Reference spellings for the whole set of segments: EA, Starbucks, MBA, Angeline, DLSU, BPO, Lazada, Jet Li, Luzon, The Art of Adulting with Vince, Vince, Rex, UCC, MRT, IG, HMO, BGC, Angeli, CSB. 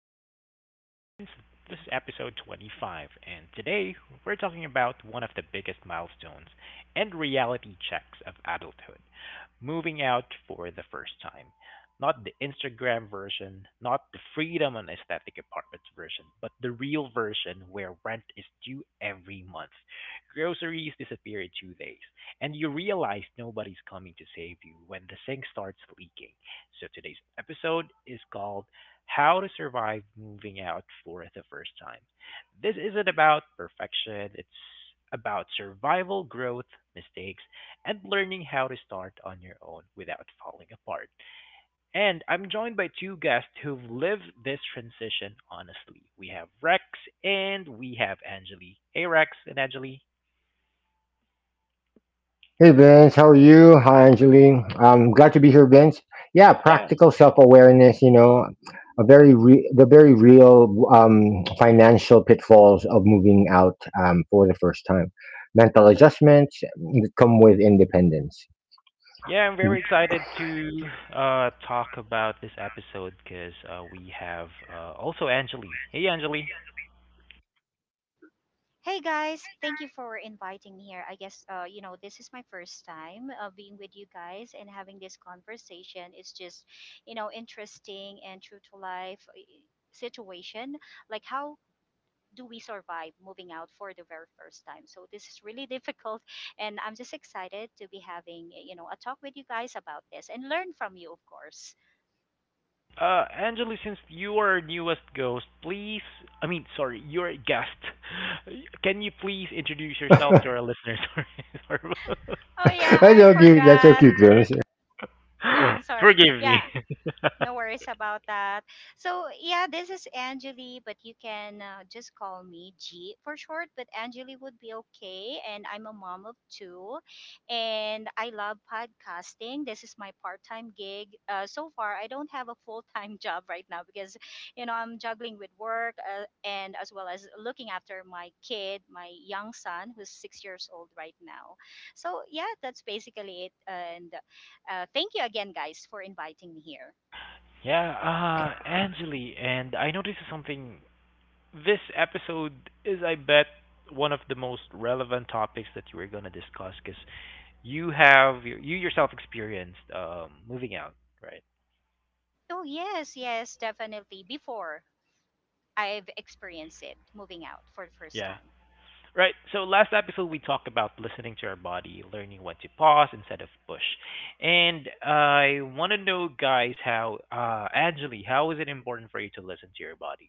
Art of Adulting with Vince. This is episode 25, and today we're talking about one of the biggest milestones and reality checks of adulthood, moving out for the first time. Not the Instagram version, not the freedom and aesthetic apartments version, but the real version where rent is due every month, groceries disappear in 2 days, and you realize nobody's coming to save you when the sink starts leaking. So today's episode is called How to Survive Moving Out for the First Time. This isn't about perfection, it's about survival, growth, mistakes, and learning how to start on your own without falling apart. And I'm joined by two guests who've lived this transition honestly. We have Rex and we have Angeli. Hey, Rex and Angeli. Hey Vince, how are you? Hi Angeline. I'm glad to be here, Vince. Yeah, Yeah. practical self-awareness. You know, the very real financial pitfalls of moving out for the first time. Mental adjustments that come with independence. Yeah, I'm very excited to talk about this episode because we have also Angeli. Hey, Angeli. Hey guys, thank you for inviting me here. I guess this is my first time being with you guys and having this conversation. It's just interesting and true to life situation. Like how do we survive moving out for the very first time? So this is really difficult, and I'm just excited to be having a talk with you guys about this and learn from you, of course. Angeli, since you are our newest ghost, please, I mean, sorry, you're a guest. Can you please introduce yourself to our listeners? Sorry, sorry. Oh yeah, That's I so cute. That's so forgot. cute, Vince. Yeah, I'm sorry. Forgive me. Yeah, no worries about that. So, yeah, this is Angeli, but you can just call me G for short, but Angeli would be okay. And I'm a mom of two, and I love podcasting. This is my part time gig. So far, I don't have a full time job right now because, I'm juggling with work and as well as looking after my kid, my young son, who's 6 years old right now. So, yeah, that's basically it. And thank you again, guys, for inviting me here. Yeah, Angeli, and I noticed something. This episode is, I bet, one of the most relevant topics that you are gonna discuss. Cause you have you yourself experienced moving out, right? Oh, yes, yes, definitely. Before I've experienced it, moving out for the first Yeah. time. Right. So last episode we talked about listening to our body, learning when to pause instead of push, and I want to know, guys, how, Angeli, how is it important for you to listen to your body?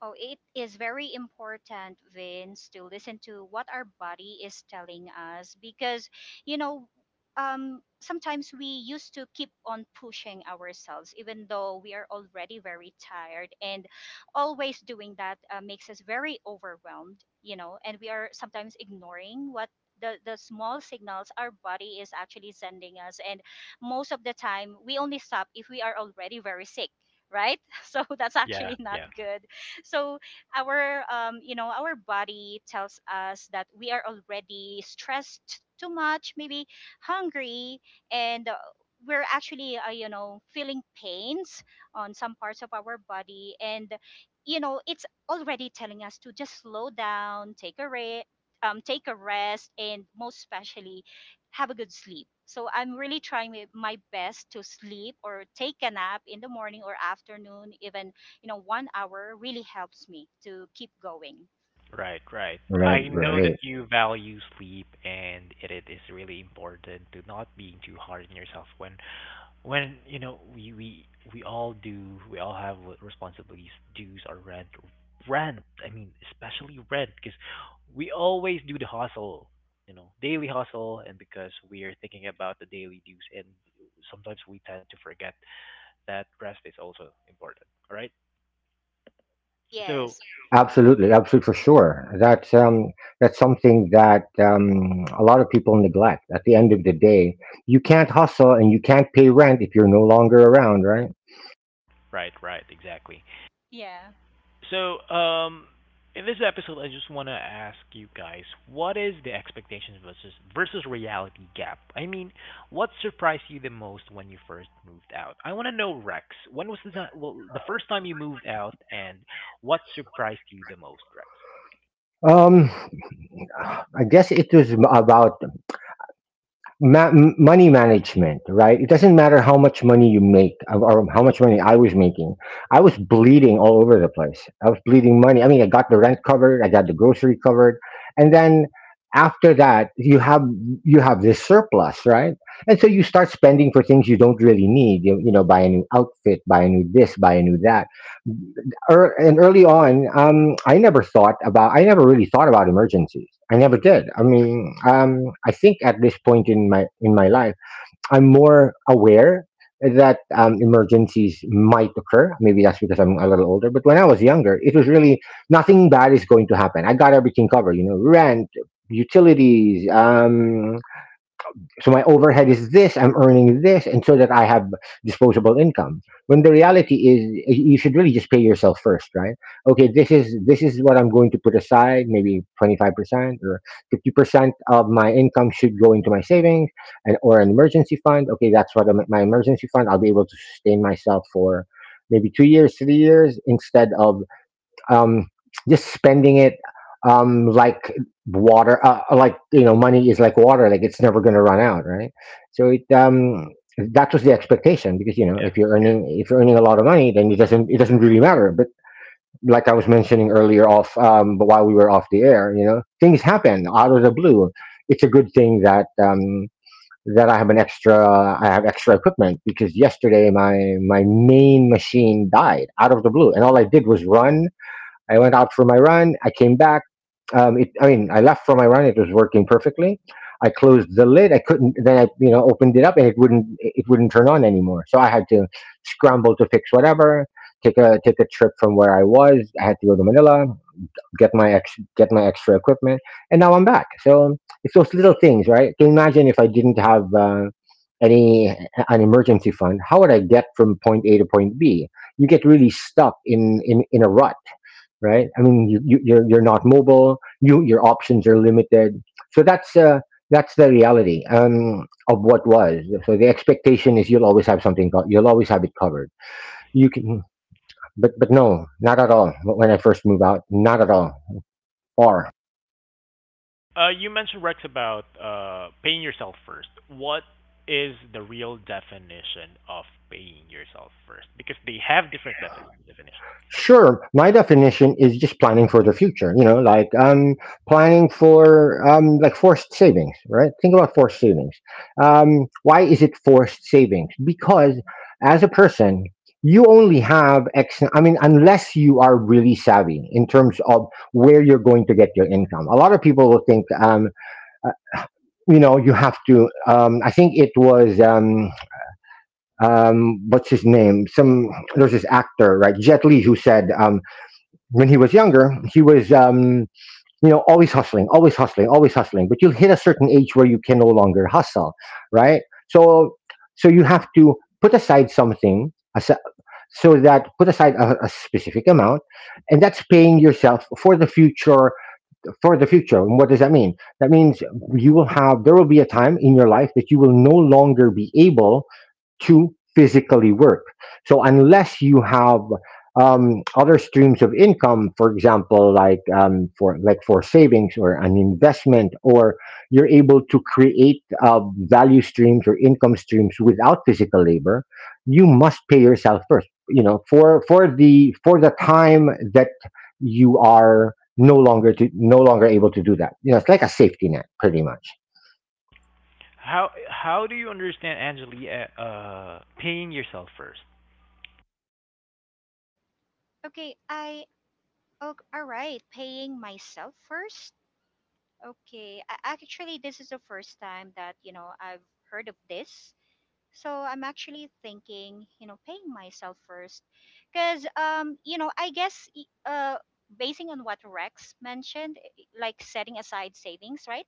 Oh, it is very important, Vince, to listen to what our body is telling us because, you know, sometimes we used to keep on pushing ourselves, even though we are already very tired. And always doing that makes us very overwhelmed, and we are sometimes ignoring what the small signals our body is actually sending us, and most of the time we only stop if we are already very sick, right? So that's Yeah. actually not Yeah. good. So our our body tells us that we are already stressed too much, maybe hungry, and we're actually feeling pains on some parts of our body, and it's already telling us to just slow down, take a take a rest, and most especially have a good sleep. So I'm really trying my best to sleep or take a nap in the morning or afternoon, even one hour really helps me to keep going. Right, right. I Right, Yeah. know that right. you value sleep and it is really important to not being too hard on yourself when you know we all do we all have w- responsibilities, dues or rent. I mean, especially rent because we always do the hustle, daily hustle, and because we are thinking about the daily dues and sometimes we tend to forget that rest is also important, all right? So, Yes. Absolutely, absolutely, for sure. That's something that a lot of people neglect. At the end of the day, you can't hustle and you can't pay rent if you're no longer around, right? right, right, exactly. Yeah. So, in this episode, I just want to ask you guys, what is the expectations versus reality gap? I mean, what surprised you the most when you first moved out? I want to know, Rex, when was the time, well, the first time you moved out, and what surprised you the most, Rex? Um, I guess it was about money management, right? It doesn't matter how much money you make or how much money I was making. I was bleeding all over the place. I was bleeding money. I mean, I got the rent covered, I got the grocery covered, and then after that, you have this surplus, right? And so you start spending for things you don't really need. You know, buy a new outfit, buy a new this, buy a new that and early on, I never really thought about emergencies. I never did. I mean, I think at this point in my life, I'm more aware that emergencies might occur. Maybe that's because I'm a little older. But when I was younger, it was really nothing bad is going to happen. I got everything covered. You know, rent, utilities, so my overhead is this, I'm earning this, and so that I have disposable income. When the reality is you should really just pay yourself first, right? Okay, this is what I'm going to put aside, maybe 25% or 50% of my income should go into my savings and or an emergency fund. Okay, that's my emergency fund, I'll be able to sustain myself for maybe 2 years, 3 years instead of um, just spending it um, like like, you know, money is like water, like it's never going to run out, right? So it that was the expectation because, you know, Yeah. if you're earning a lot of money, then it doesn't really matter. But like I was mentioning earlier, off but while we were off the air, you know, things happen out of the blue. It's a good thing that. That I have an extra, I have extra equipment because yesterday my main machine died out of the blue, and all I did was run. I went out for my run. I came back. I mean, I left for my run. It was working perfectly. I closed the lid. I couldn't. Then I, you know, opened it up, and it wouldn't. It wouldn't turn on anymore. So I had to scramble to fix whatever. Take a trip from where I was. I had to go to Manila, get my extra equipment, and now I'm back. So it's those little things, right? Can you imagine if I didn't have any an emergency fund? How would I get from point A to point B? You get really stuck in in a rut, right? I mean, you're not mobile. You your options are limited. So that's the reality of what was. So the expectation is you'll always have something. You'll always have it covered. You can, but no, not at all. When I first moved out, not at all. Or. You mentioned, Rex, about paying yourself first. What is the real definition of paying yourself first? Because they have different definitions. Sure. My definition is just planning for the future, you know, like planning for like forced savings, right? Think about forced savings. Why is it forced savings? Because as a person, you only have X. I mean, unless you are really savvy in terms of where you're going to get your income. A lot of people will think uh, you know, you have to. I think it was what's his name? Some There's this actor, right? Jet Li, who said when he was younger, he was, you know, always hustling. But you hit a certain age where you can no longer hustle, right? So, so you have to put aside something, asi- so that put aside a specific amount, and that's paying yourself for the future for the future. And what does that mean? That means you will have, there will be a time in your life that you will no longer be able to physically work. So unless you have other streams of income, for example, like for savings or an investment, or you're able to create value streams or income streams without physical labor, you must pay yourself first. You know, for for the time that you are no longer able to do that. You know, it's like a safety net, pretty much. How do you understand, Anjali, paying yourself first? Okay. I. Oh, all right. Paying myself first. Okay. Actually, this is the first time that I've heard of this. So I'm actually thinking, paying myself first, because I guess basing on what Rex mentioned, like setting aside savings, right,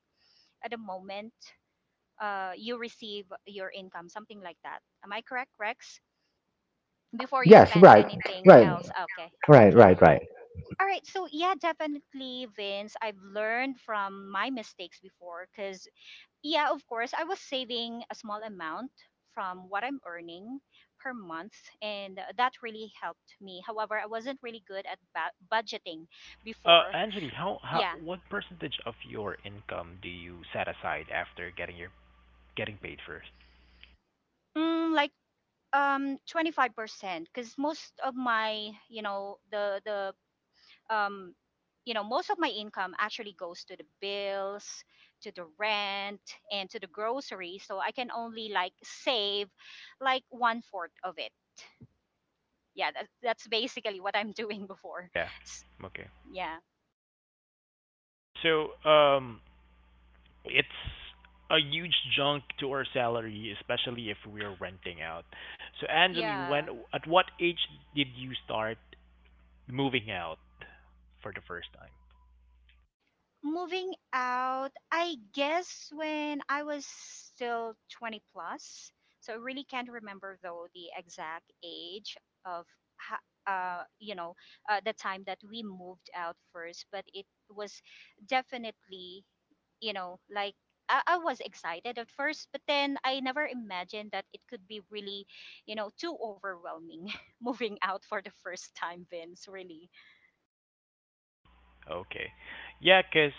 at the moment you receive your income, something like that. Am I correct, Rex? Before you Yes, spend right, anything right, else. Okay, right, okay. right, All right. So yeah, definitely, Vince. I've learned from my mistakes before because yeah, of course, I was saving a small amount from what I'm earning per month, and that really helped me. However, I wasn't really good at budgeting before. Anjali, how Yeah, what percentage of your income do you set aside after getting your getting paid first? Like 25% because most of my the um most of my income actually goes to the bills, to the rent, and to the grocery, so I can only like save like one fourth of it. Yeah, that's basically what I'm doing before. Yeah. S- Okay. yeah, So it's a huge chunk to our salary, especially if we are renting out. So Anjali, yeah. when at what age did you start moving out for the first time? Moving out, I guess when I was still 20 plus. So I really can't remember though the exact age of, ho- uh you know the time that we moved out first, but it was definitely, like I was excited at first, but then I never imagined that it could be really too overwhelming moving out for the first time, Vince. Really, Okay. Yeah, 'cause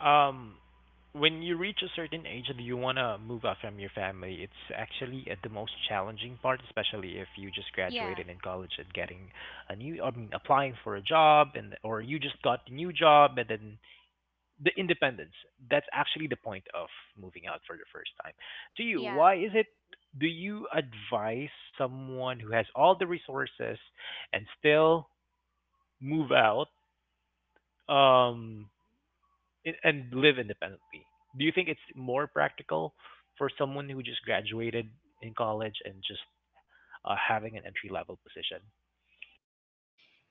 um when you reach a certain age and you want to move out from your family, it's actually at the most challenging part, especially if you just yeah, graduated in college and getting a new, I mean, applying for a job, and or you just got a new job, and then the independence. That's actually the point of moving out for the first time. To you, yeah. why is it do you advise someone who has all the resources and still move out? Um I- and live independently. Do you think it's more practical for someone who just graduated in college and just having an entry level position?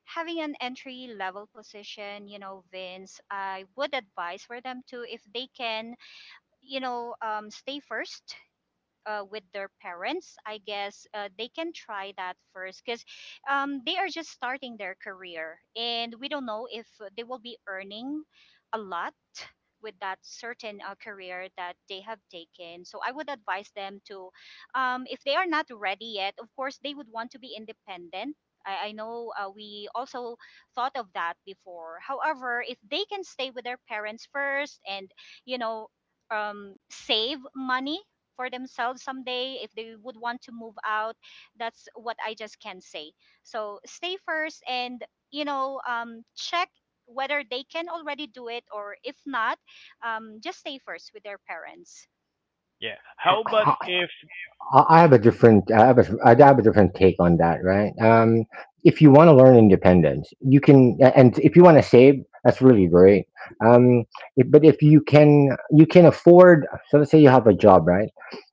Having an entry level position, Vince, I would advise for them to, if they can, stay first with their parents. I guess they can try that first because they are just starting their career and we don't know if they will be earning a lot with that certain career that they have taken. So I would advise them to, if they are not ready yet, of course, they would want to be independent. I know, we also thought of that before. However, if they can stay with their parents first and, you know, save money for themselves someday if they would want to move out, that's what I just can say. So stay first and check whether they can already do it, or if not, just stay first with their parents. Yeah. How about right. if I have a different, I have a different take on that, right? If you want to learn independence, you can, and if you want to save, that's really great. Um, if, But if you can, you can afford. So let's say you have a job, right?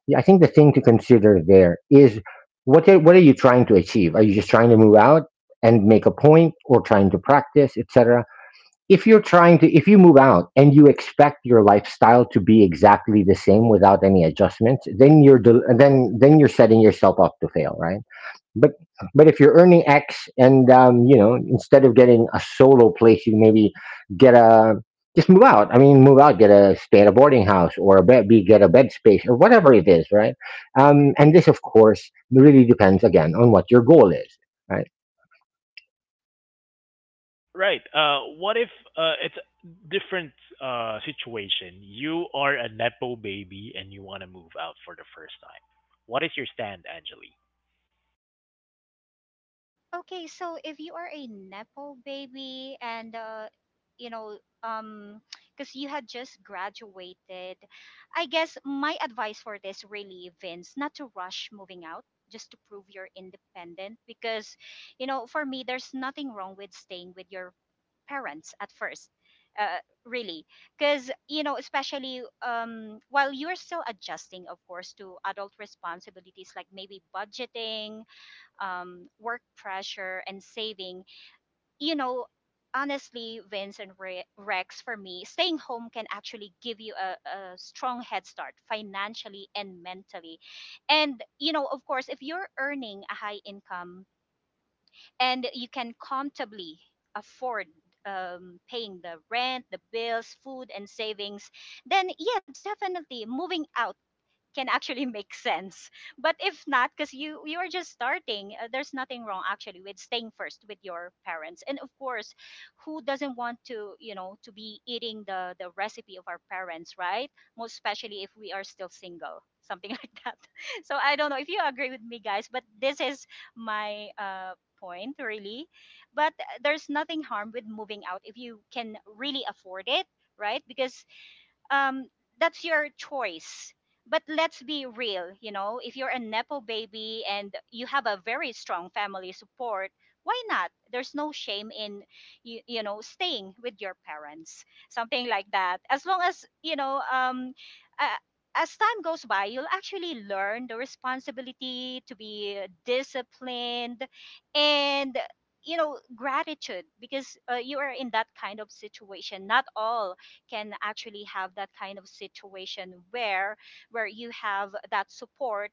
Yeah, I think the thing to consider there is what are you trying to achieve? Are you just trying to move out and make a point, or trying to practice, etc.? If you're trying to if you move out and you expect your lifestyle to be exactly the same without any adjustments, then you're del- then you're setting yourself up to fail, right? But but if you're earning x and you know, instead of getting a solo place, you maybe get a just move out. Move out, get a stay at a boarding house or a bed be get a bed space or whatever it is, right? And this, of course, really depends again on what your goal is, right? right? What if it's a different situation? You are a nepo baby and you want to move out for the first time. What is your stand, Angeli? Okay, so if you are a nepo baby and you know, um, because you had just graduated, I guess my advice for this really, Vince, not to rush moving out just to prove you're independent. Because, for me, there's nothing wrong with staying with your parents at first. Really, because especially while you're still adjusting, of course, to adult responsibilities like maybe budgeting, work pressure and saving, you know, honestly, Vince and Rex, for me, staying home can actually give you a strong head start financially and mentally. And, of course, if you're earning a high income and you can comfortably afford paying the rent, the bills, food, and savings, then yeah, definitely moving out can actually make sense. But if not, because you are just starting, there's nothing wrong actually with staying first with your parents. And of course, who doesn't want, to to be eating the recipe of our parents, right? Most especially if we are still single, something like that. So I don't know if you agree with me, guys, but this is my point really, but there's nothing harm with moving out if you can really afford it, right? Because um, that's your choice. But let's be real, if you're a Nepo baby and you have a very strong family support, why not? There's no shame in, staying with your parents, something like that. As long as, uh, as time goes by, you'll actually learn the responsibility to be disciplined and, gratitude because you are in that kind of situation. Not all can actually have that kind of situation, where you have that support.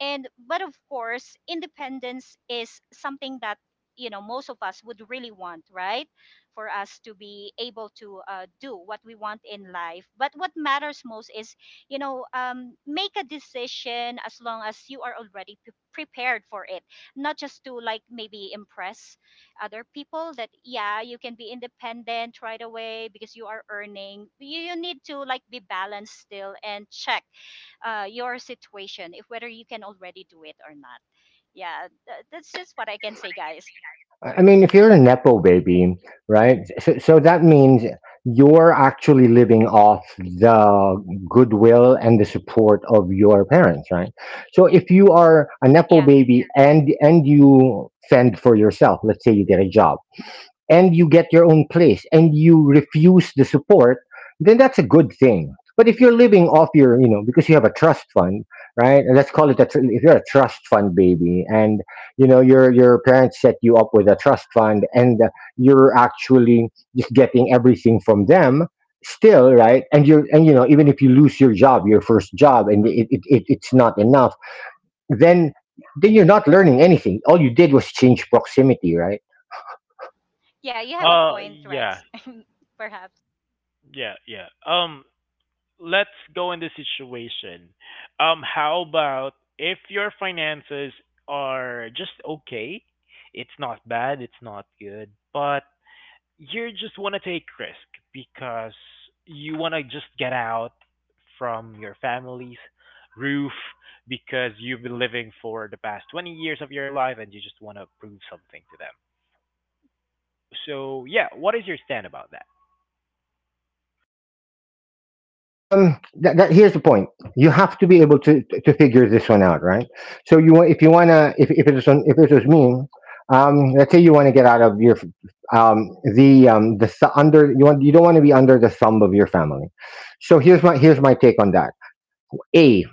And but of course, independence is something that, most of us would really want, right? For us to be able to do what we want in life, but what matters most is, make a decision as long as you are already prepared for it, not just to like maybe impress other people that, yeah, you can be independent right away because you are earning. You need to like be balanced still and check your situation, if whether you can already do it or not. Yeah, that's just what I can say, guys. I mean, if you're a Nepo baby, right? So that means you're actually living off the goodwill and the support of your parents, right? So if you are a Nepo Yeah, baby and you fend for yourself, let's say you get a job, and you get your own place and you refuse the support, then that's a good thing. But if you're living off your, you know, because you have a trust fund, right? And let's call it a if you're a trust fund baby, and you know, your parents set you up with a trust fund, and you're actually just getting everything from them still, right? And you're and you know, even if you lose your job, your first job, and it's not enough, then you're not learning anything. All you did was change proximity, right? yeah, you have a Uh, point, yeah, Rex. Perhaps. yeah, yeah. Um, let's go in this situation. How about if your finances are just okay, it's not bad, it's not good, but you just want to take risk because you want to just get out from your family's roof because you've been living for the past 20 years of your life and you just want to prove something to them. So, yeah, what is your stand about that? That, that Here's the point. You have to be able to figure this one out, right? So you want if you want to if it's on, if it was me, let's say you want to get out of your um the th- under you want, you don't want to be under the thumb of your family. So here's my take on that. a,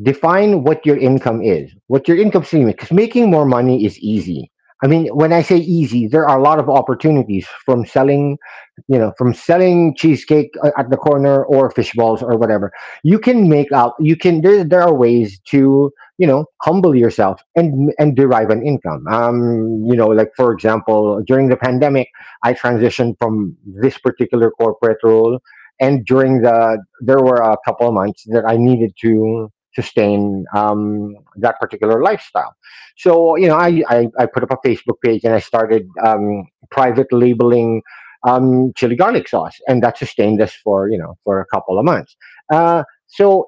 Define what your income is, what your income stream is, because making more money is easy. I mean, when I say easy, there are a lot of opportunities from selling, you know, from selling cheesecake at the corner or fish balls or whatever. You can make out, you can, there are ways to, you know, humble yourself and derive an income. You know, like for example, during the pandemic, I transitioned from this particular corporate role and during the there were a couple of months that I needed to sustain that particular lifestyle. So, you know, I put up a Facebook page and I started private labeling chili garlic sauce, and that sustained us for, you know, for a couple of months. Uh, so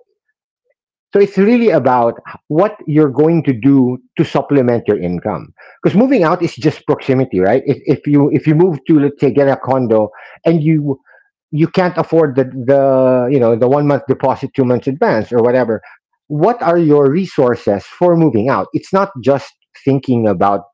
so it's really about what you're going to do to supplement your income. Because moving out is just proximity, right? If you move to, let's say, get a condo and you can't afford the you know the 1 month deposit, 2 months advance, or whatever, what are your resources for moving out? It's not just thinking about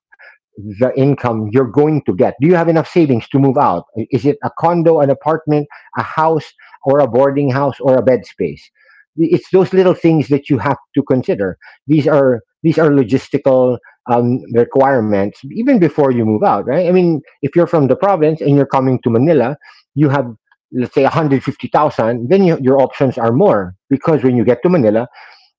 the income you're going to get. Do you have enough savings to move out? Is it a condo, an apartment, a house, or a boarding house, or a bed space? It's those little things that you have to consider. These are logistical requirements even before you move out, right? I mean, if you're from the province and you're coming to Manila, you have let's say 150,000, then your options are more because when you get to Manila,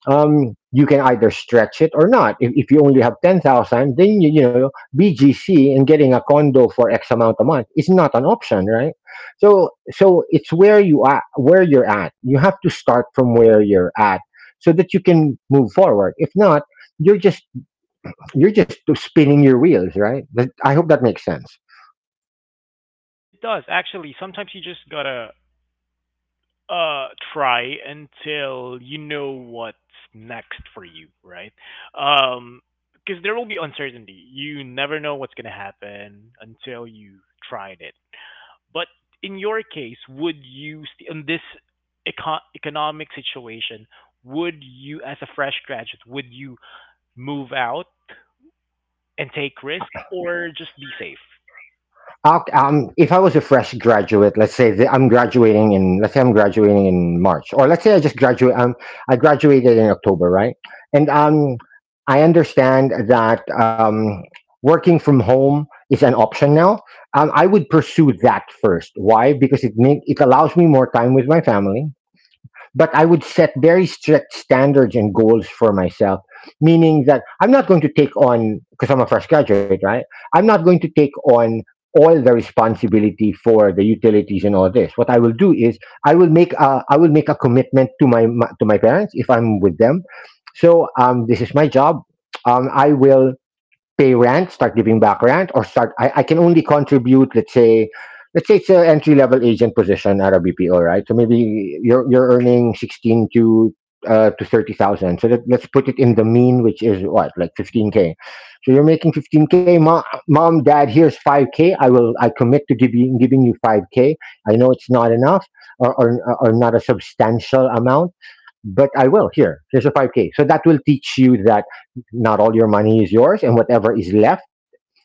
you can either stretch it or not. If you only have 10,000, then you know, BGC and getting a condo for X amount a month is not an option, right? So it's where you are, where you're at. You have to start from where you're at so that you can move forward. If not, you're just, you're just spinning your wheels, right? I hope that makes sense. It does actually. Sometimes you just gotta try until you know what's next for you, right? um because there will be uncertainty. You never know what's going to happen until you tried it. But in your case, would you in this economic situation, would you as a fresh graduate, would you move out and take risk or just be safe? If I was a fresh graduate, let's say that I'm graduating in, let's say I'm graduating in March, or let's say I just I graduated in October, right? And I understand that working from home is an option now. I would pursue that first. Why? Because it it allows me more time with my family, but I would set very strict standards and goals for myself, meaning that I'm not going to take on, because I'm a fresh graduate, right? I'm not going to take on all the responsibility for the utilities and all this. What I will do is I will I will make a commitment to my, my to my parents if I'm with them. So this is my job. I will pay rent, start giving back rent, or start. I can only contribute, let's say it's an entry level agent position at a BPO, right? So maybe you're earning sixteen to 30,000. So let's put it in the mean, which is what like 15K k. So you're making 15K k. Mom, dad, here's five k. I commit to giving you five k. I know it's not enough or, or not a substantial amount. But I will. Here. Here's a 5K. So that will teach you that not all your money is yours, and whatever is left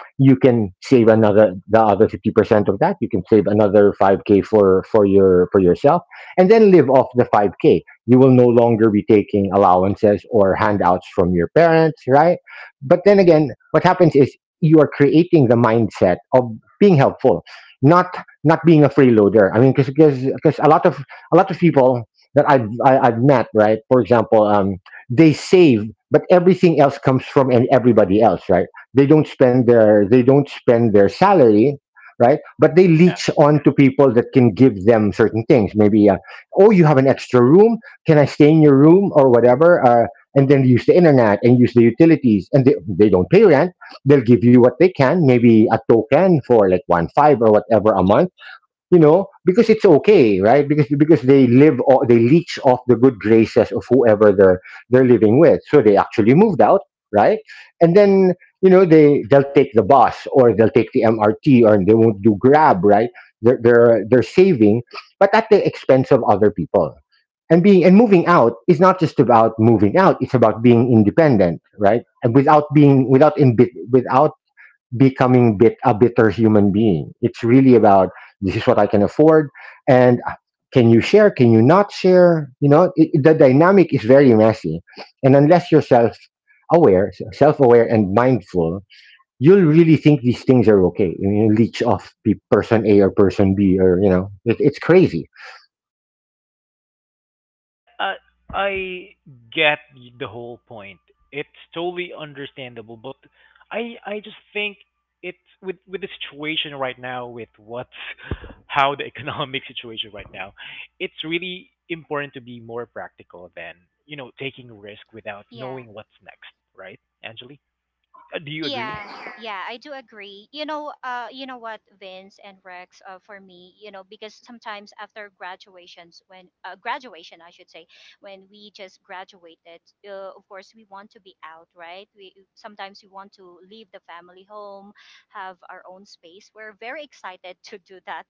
you can save another, the other 50% of that you can save another 5k for your for yourself and then live off the 5k. You will no longer be taking allowances or handouts from your parents, right? But then again, what happens is you are creating the mindset of being helpful, not not being a freeloader. I mean, because a lot of people that I've met, right, for example, they save, but everything else comes from and everybody else, right? They don't spend their salary, right, but they Yeah. leech on to people that can give them certain things, maybe, oh, you have an extra room, can I stay in your room or whatever, and then use the internet and use the utilities, and they don't pay rent. They'll give you what they can, maybe a token for like one five or whatever a month, you know, because it's okay, right? Because they live, or they leech off the good graces of whoever they're living with, so they actually moved out, right? And then, you know, they they'll take the bus or they'll take the mrt, or they won't do grab, right? They're saving, but at the expense of other people. And being, and moving out is not just about moving out, it's about being independent, right? And without being without becoming bitter human being. It's really about this is what I can afford, and can you share? Can you not share? You know, it, the dynamic is very messy, and unless you're self aware and mindful, you'll really think these things are okay, and you leech off person A or person B, or you know, it, it's crazy. Yeah, I get the whole point. It's totally understandable, but I just think it's with the situation right now, with what's how the economic situation right now, it's really important to be more practical than you know taking risk without Yeah. knowing what's next, right, Angeli? Do you agree? Yeah, yeah, I do agree. You know what, Vince and Rex, for me, because sometimes after graduations, when graduation, I should say, when we just graduated, of course, we want to be out, right? We sometimes we want to leave the family home, have our own space. We're very excited to do that,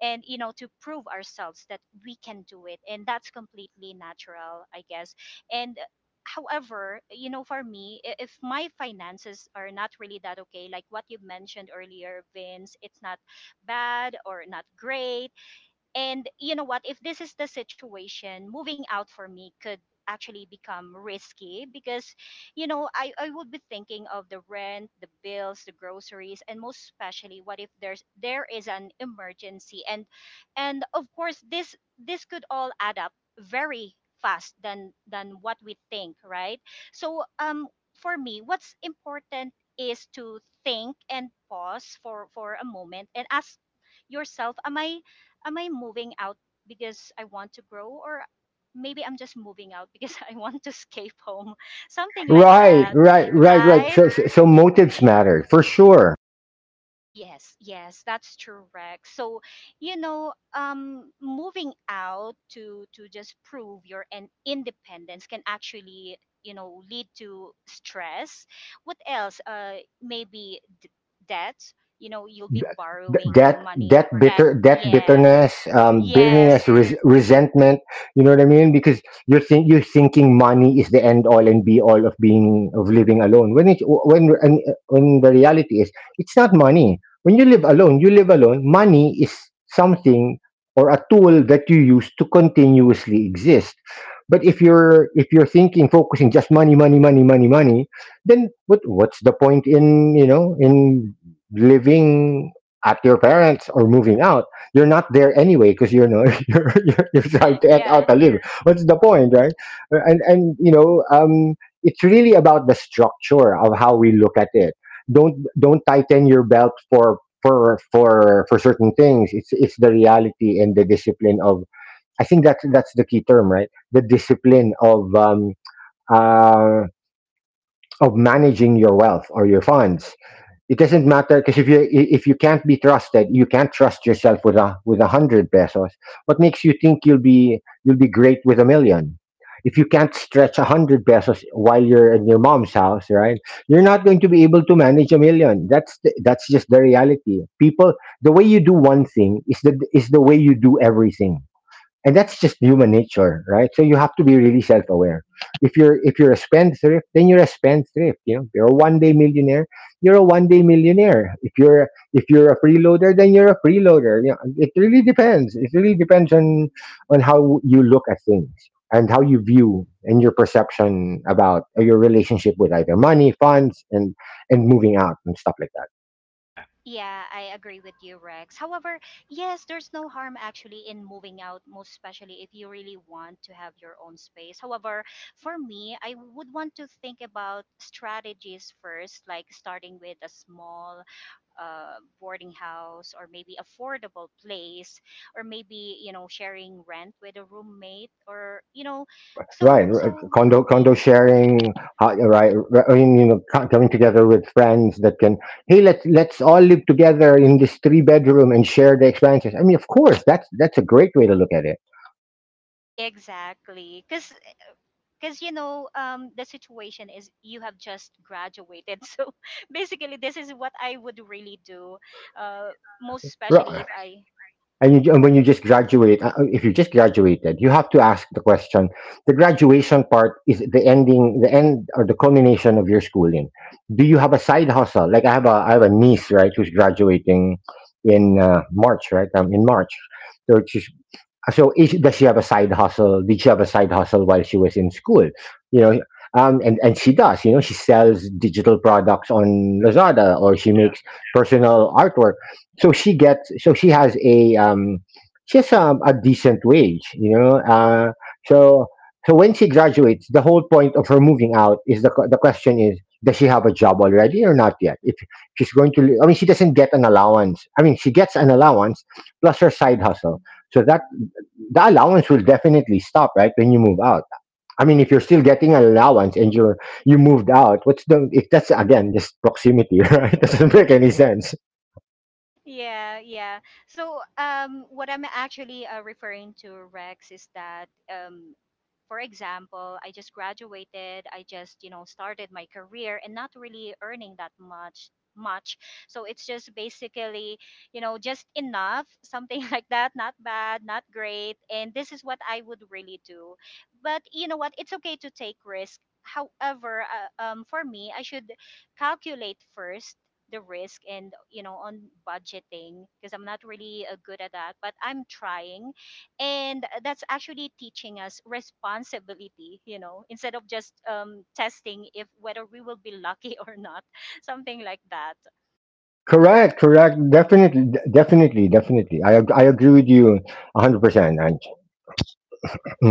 and to prove ourselves that we can do it, and that's completely natural, I guess. And however, for me, if my finances are not really that okay, like what you mentioned earlier, Vince, it's not bad or not great, and you know what? If this is the situation, moving out for me could actually become risky because, I would be thinking of the rent, the bills, the groceries, and most especially, what if there is an emergency, and of course this could all add up very fast, than what we think, right? So for me, what's important is to think and pause for a moment and ask yourself, am I moving out because I want to grow, or maybe I'm just moving out because I want to escape home? Something like Right, that, right, right, right. right? So motives matter for sure. Yes, yes, that's true, Rex. So, moving out, to just prove your an independence can actually, lead to stress. What else? Maybe debt. You'll be Th- borrowing that money. that Debt. bitter that Yeah. Bitterness, Yes. bitterness, resentment. You know what I mean, because you're thinking money is the end all and be all of living alone, when the reality is it's not money. When you live alone, you live alone, money is something or a tool that you use to continuously exist. But if you're thinking, focusing just money money money money money, then what what's the point in, you know, in living at your parents or moving out? You're not there anyway because you're, no, you're you're trying to act out Yeah. a little. What's the point, right? And you know, it's really about the structure of how we look at it. Don't tighten your belt for certain things. It's the reality and the discipline of. I think that's the key term, right? The discipline uh, of managing your wealth or your funds. It doesn't matter because if you can't be trusted, you can't trust yourself with a hundred pesos. What makes you think you'll be great with a million? If you can't stretch a hundred pesos while you're in your mom's house, right? You're not going to be able to manage a million. That's just the reality. People, the way you do one thing is the way you do everything, and that's just human nature, right? So you have to be really self-aware. If you're a spendthrift, then you're a spendthrift, you know? If you're a one day millionaire, you're a one day millionaire. If you're if you're a freeloader, then you're a freeloader, you know, it really depends, it really depends on how you look at things, and how you view and your perception about your relationship with either money, funds, and moving out and stuff like that. Yeah, Yeah, I agree with you, Rex. However, yes, there's no harm actually in moving out, most especially if you really want to have your own space. However, for me, I would want to think about strategies first, like starting with a small boarding house or maybe affordable place, or maybe, sharing rent with a roommate, or, Right, so, so. condo y- condo sharing. I mean, you know, coming together with friends that can, hey, let's all live together in this three bedroom and share the expenses. I mean, of course that's a great way to look at it. Exactly, because the situation is you have just graduated so basically this is what I would really do uh, most especially if I And when you just graduate if you just graduated, you have to ask the question. The graduation part is the end or the culmination of your schooling. Do you have a side hustle? Like, I have a I have a niece, right, who's graduating in March, right, in March. So she's, does she have a side hustle? Did she have a side hustle while she was in school? You know, and she does. You know, she sells digital products on Lazada, or she yeah, makes personal artwork. So she gets. So she has a decent wage. You know, so so when she graduates, the whole point of her moving out is the question is. Does she have a job already or not yet? If she's going to, I mean, she doesn't get an allowance. I mean, she gets an allowance plus her side hustle. So that the allowance will definitely stop right when you move out. I mean, if you're still getting an allowance and you're, you moved out, what's the, if that's again just proximity right, doesn't make any sense. yeah, yeah. So what I'm actually referring to, Rex, is that for example, I just graduated, I just, you know, started my career and not really earning that much. So it's just basically, you know, just enough, something like that, not bad, not great, and this is what I would really do. But you know what, it's okay to take risk. However, for me, I should calculate first the risk and, you know, on budgeting, because I'm not really good at that, but I'm trying. And that's actually teaching us responsibility, you know, instead of just testing if whether we will be lucky or not, something like that. Correct, correct, definitely, definitely definitely I agree with you 100%. And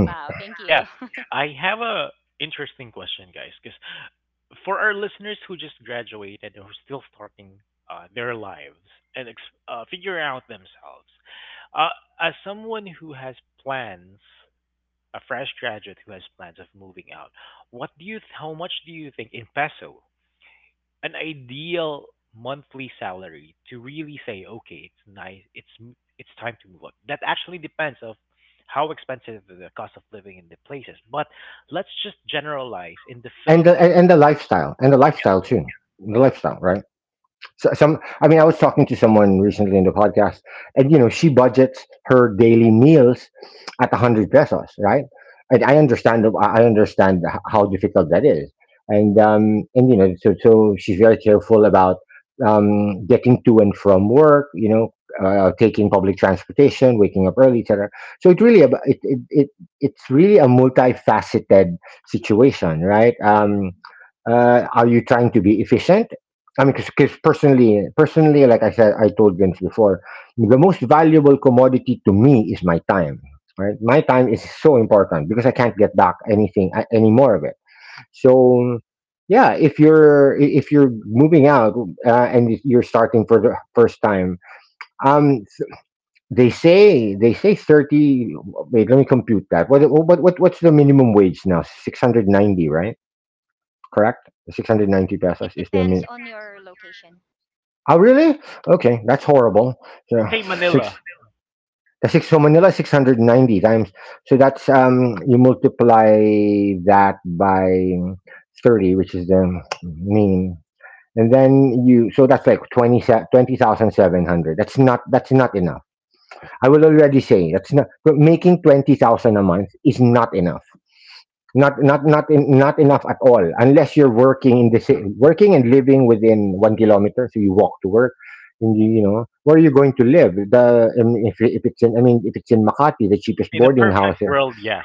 Wow, thank yeah. you. I have a interesting question, guys, because for our listeners who just graduated and who are still starting their lives and figuring out themselves, uh, as someone who has plans, a fresh graduate who has plans of moving out, what do you? How much do you think in peso an ideal monthly salary to really say, okay, it's nice, it's time to move on? That actually depends of how expensive the cost of living in the places. But let's just generalize in the Philippines. And the lifestyle, and the lifestyle too, the Yeah. lifestyle, right? So, some, I mean, I was talking to someone recently in the podcast, and you know, she budgets her daily meals at a hundred pesos, right? And I understand how difficult that is, and you know, so so she's very careful about getting to and from work, you know, taking public transportation, waking up early, etc. So it really, it's really a multifaceted situation, right? Are you trying to be efficient? I mean, because personally, personally, like I said, I told Vince before, the most valuable commodity to me is my time. Right, my time is so important because I can't get back anything, any more of it. So, yeah, if if you're moving out and if you're starting for the first time, um, they say thirty. Wait, let me compute that. What's the minimum wage now? 690, right? Correct. 690 pesos It is the min- depends on your location. Oh, really? Okay, that's horrible. Let's So say Manila. six, the six. So Manila 690 times. So that's you multiply that by 30, which is the mean, and then you. So that's like 20 se- 20,700. That's not. That's not enough. I will already say that's not. Making 20,000 a month is not enough, not enough at all unless you're working working and living within 1 kilometer so you walk to work and where are you going to live? The if it's in I mean if it's in Makati, the cheapest In a boarding perfect house here. world, yes.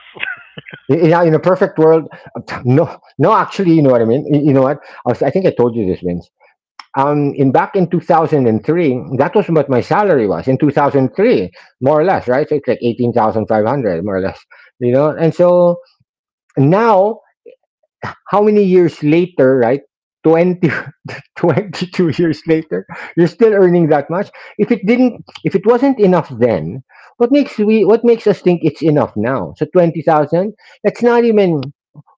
In a perfect world no, actually you know what I mean, you know what, I think I told you this, Vince, in back in 2003, that was what my salary was in 2003, more or less, right? So it's like 18,500, more or less, you know. And so now, how many years later, right? 20, 22 years later, you're still earning that much. If it wasn't enough then, what makes us think it's enough now? So 20,000, that's not even,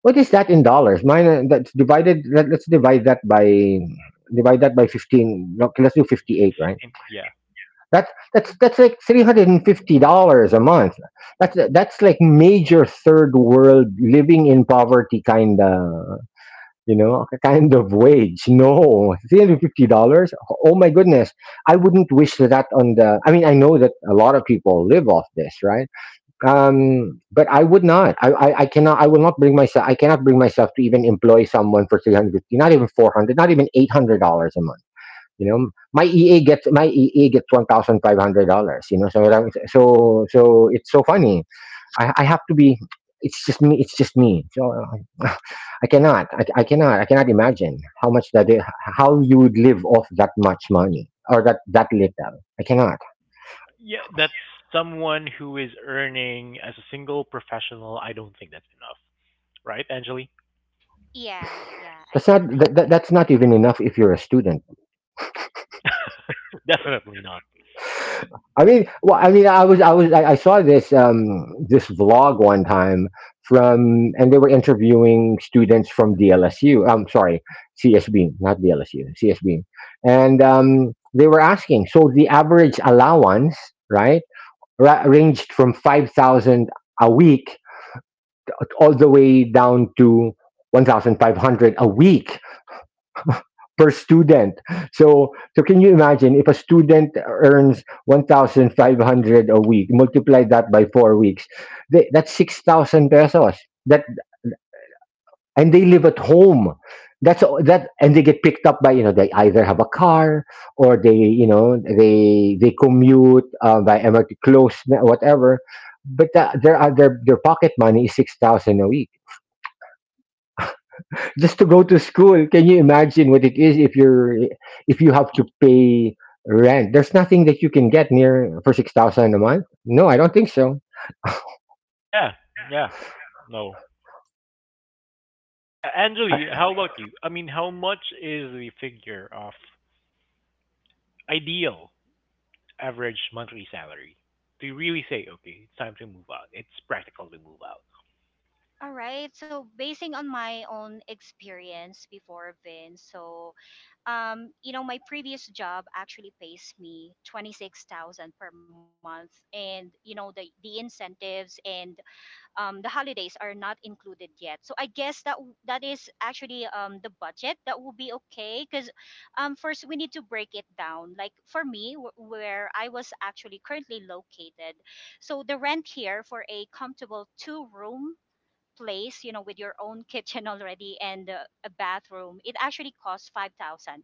what is that in dollars? That's divided, let's divide that by 15, no, okay, let's do 58, right? Same, yeah. That, that's like $350 a month. That's like major third world living in poverty kind of, you know, a kind of wage. No, $350. Oh my goodness. I wouldn't wish that on the, I mean, I know that a lot of people live off this, right? But I would not, I cannot, I will not bring myself, I cannot bring myself to even employ someone for 350, not even 400, not even $800 a month. You know, my EA gets $1,500, you know, so, so it's so funny. I have to be. It's just me. It's just me. So uh, I cannot. I cannot. I cannot imagine how much that is, how you would live off that much money, or that that little. I cannot. Yeah, that's someone who is earning as a single professional. I don't think that's enough. Right, Angeli? Yeah, yeah, That's I not. do believe. That's not even enough if you're a student. Definitely not. I mean, I saw this, this vlog one time from, and they were interviewing students from DLSU. I'm sorry, CSB, not DLSU, CSB, and they were asking. So the average allowance, right, ranged from 5,000 a week all the way down to 1,500 a week per student. So, so can you imagine? If a student earns 1,500 a week, multiply that by 4 weeks, they, that's 6,000 pesos. That, and they live at home. And they get picked up by, you know, they either have a car, or they, you know, they commute by MRT, close, whatever. But that, their pocket money is 6,000 a week, just to go to school. Can you imagine what it is if you're, if you have to pay rent? There's nothing that you can get near for 6,000 a month. No, I don't think so. Yeah, yeah. No. Yeah, Angeli, how about you? I mean, how much is the figure of ideal average monthly salary? Do you really say, okay, it's time to move out? It's practical to move out. All right, so basing on my own experience before, Vince, so you know, my previous job actually pays me 26,000 per month, and you know, the incentives and the holidays are not included yet. So I guess that that is actually the budget that will be okay, because first we need to break it down. Like for me, where I was actually currently located, so the rent here for a comfortable two room place, you know, with your own kitchen already, and a bathroom, it actually costs 5,000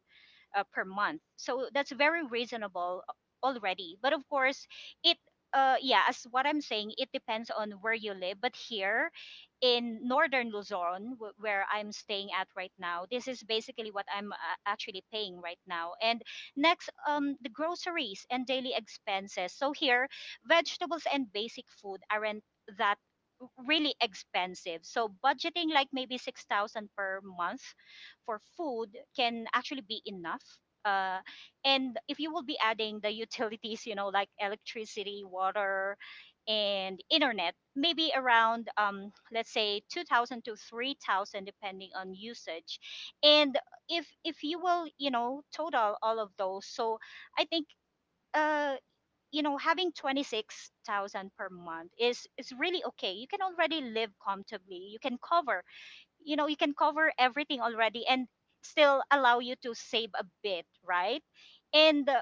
per month. So that's very reasonable already. But of course, it yeah, as what I'm saying, it depends on where you live. But here in northern Luzon, where I'm staying at right now, this is basically what I'm actually paying right now. And next, the groceries and daily expenses. So here, vegetables and basic food aren't that really expensive. So budgeting like maybe 6,000 per month for food can actually be enough. Uh, and if you will be adding the utilities, you know, like electricity, water, and internet, maybe around, let's say, 2,000 to 3,000, depending on usage. And if you will, you know, total all of those, so I think, uh, you know, having 26,000 per month is really okay. You can already live comfortably, you can cover, you know, you can cover everything already, and still allow you to save a bit, right? And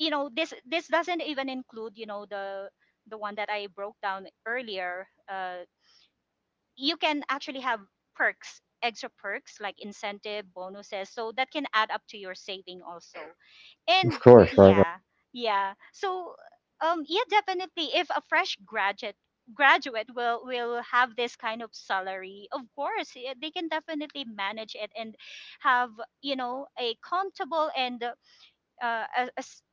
you know, this doesn't even include, you know, the one that I broke down earlier. You can actually have perks, extra perks like incentive bonuses, so that can add up to your saving also. And Of course, right? yeah, yeah. So yeah, definitely, if a fresh graduate will have this kind of salary, of course, they can definitely manage it and have, you know, a comfortable and uh, a, a s-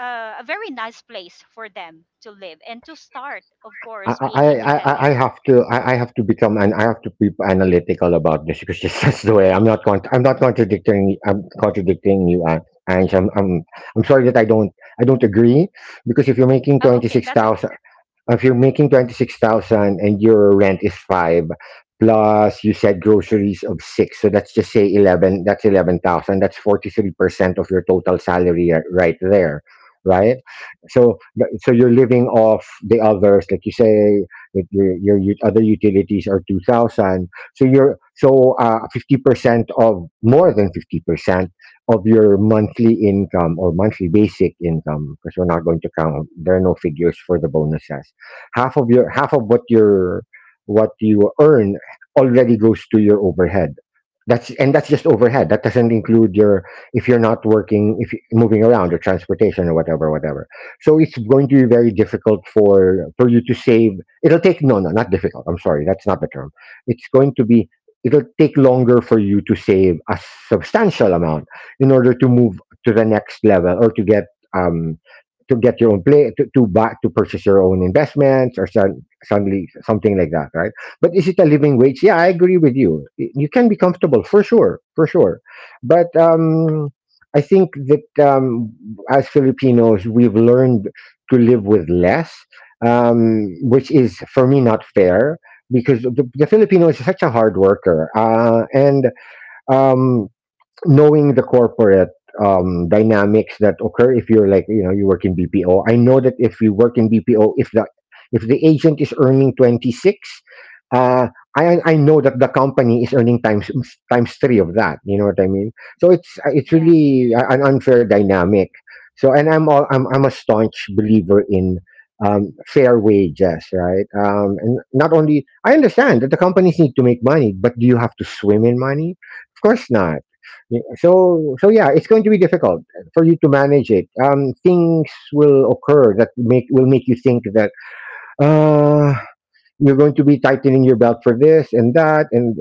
a very nice place for them to live and to start, of course, being I independent. have to, I have to become, and I have to be analytical about this because this, that's the way. I'm not contradicting, I'm contradicting you, and I'm sorry that I don't, I don't agree. Because if you're making Oh, twenty okay, six that's okay. thousand if you're making 26,000 and your rent is five, plus you said groceries of six, so that's, just say eleven, that's 11,000, that's 43% of your total salary, right there, right? So you're living off the others. Like you say that your other utilities are 2000, so you're so, 50% of, more than 50% of your monthly income, or monthly basic income, because we're not going to count, there are no figures for the bonuses. Half of your, half of what your, what you earn already goes to your overhead. That's, and that's just overhead, that doesn't include your, if you're not working, if you moving around, or transportation, or whatever, whatever. So it's going to be very difficult for you to save. It'll take, no, no, not difficult. I'm sorry, that's not the term. It's going to be. It'll take longer for you to save a substantial amount in order to move to the next level, or to get, um to get your own play, to buy, to purchase your own investments, or some, suddenly something like that, right? But is it a living wage? Yeah, I agree with you. You can be comfortable, for sure, for sure. But I think that, as Filipinos, we've learned to live with less, which is for me not fair, because the Filipino is such a hard worker, and um, knowing the corporate dynamics that occur, if you're like, you know, you work in BPO. I know that if you work in BPO, if the, if the agent is earning twenty six, uh, I know that the company is earning times, times three of that. You know what I mean? So it's Yeah. really a- an unfair dynamic. So, and I'm all, I'm a staunch believer in, fair wages, right? And not only, I understand that the companies need to make money, but do you have to swim in money? Of course not. Yeah, so, so yeah, it's going to be difficult for you to manage it. Things will occur that make will make you think that, uh, you're going to be tightening your belt for this and that,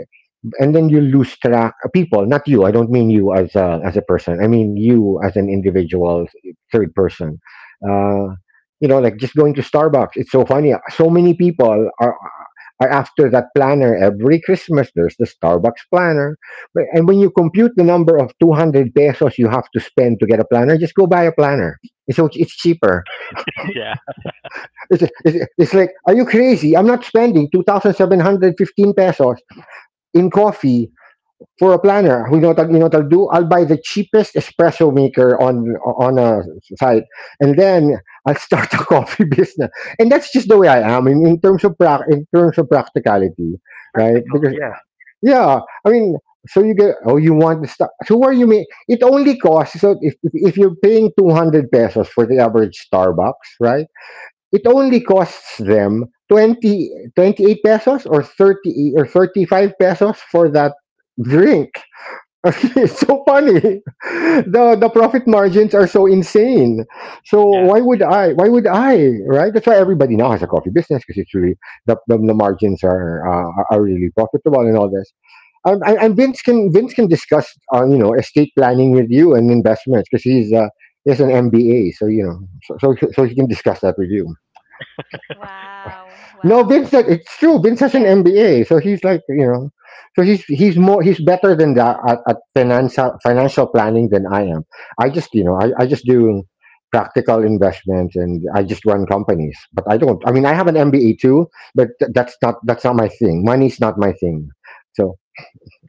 and then you lose track. People, not you. I don't mean you as a, as a person. I mean you as an individual, third person. Uh, you know, like just going to Starbucks. It's so funny. So many people are, or after that planner, every Christmas there's the Starbucks planner. And when you compute the number of 200 pesos you have to spend to get a planner, just go buy a planner. So it's cheaper. Yeah. It's like, are you crazy? I'm not spending 2,715 pesos in coffee for a planner. You know what, you know what I'll do? I'll buy the cheapest espresso maker on a site, and then I'll start a coffee business. And that's just the way I am in terms of prac in terms of practicality, It's right? practical, yeah. Yeah, I mean, so you get, oh, you want to start. So where, you mean, it only costs, so if you're paying 200 pesos for the average Starbucks, right? It only costs them 20, 28 pesos, or thirty, or thirty five pesos for that drink. It's so funny. The profit margins are so insane. So Yeah. why would I? Why would I? Right? That's why everybody now has a coffee business, because it's really the margins are, are really profitable and all this. And Vince can discuss on, you know, estate planning with you, and investments, because he has an MBA, so you know, so, so he can discuss that with you. Wow, No, wow. Vince, it's true. Vince has an Yeah. MBA, so he's like, you know, so he's more he's better than that at financial planning than I am. I just, you know, I just do practical investments, and I just run companies, but I don't. I mean, I have an MBA too, but that's not, that's not my thing. Money's not my thing. So.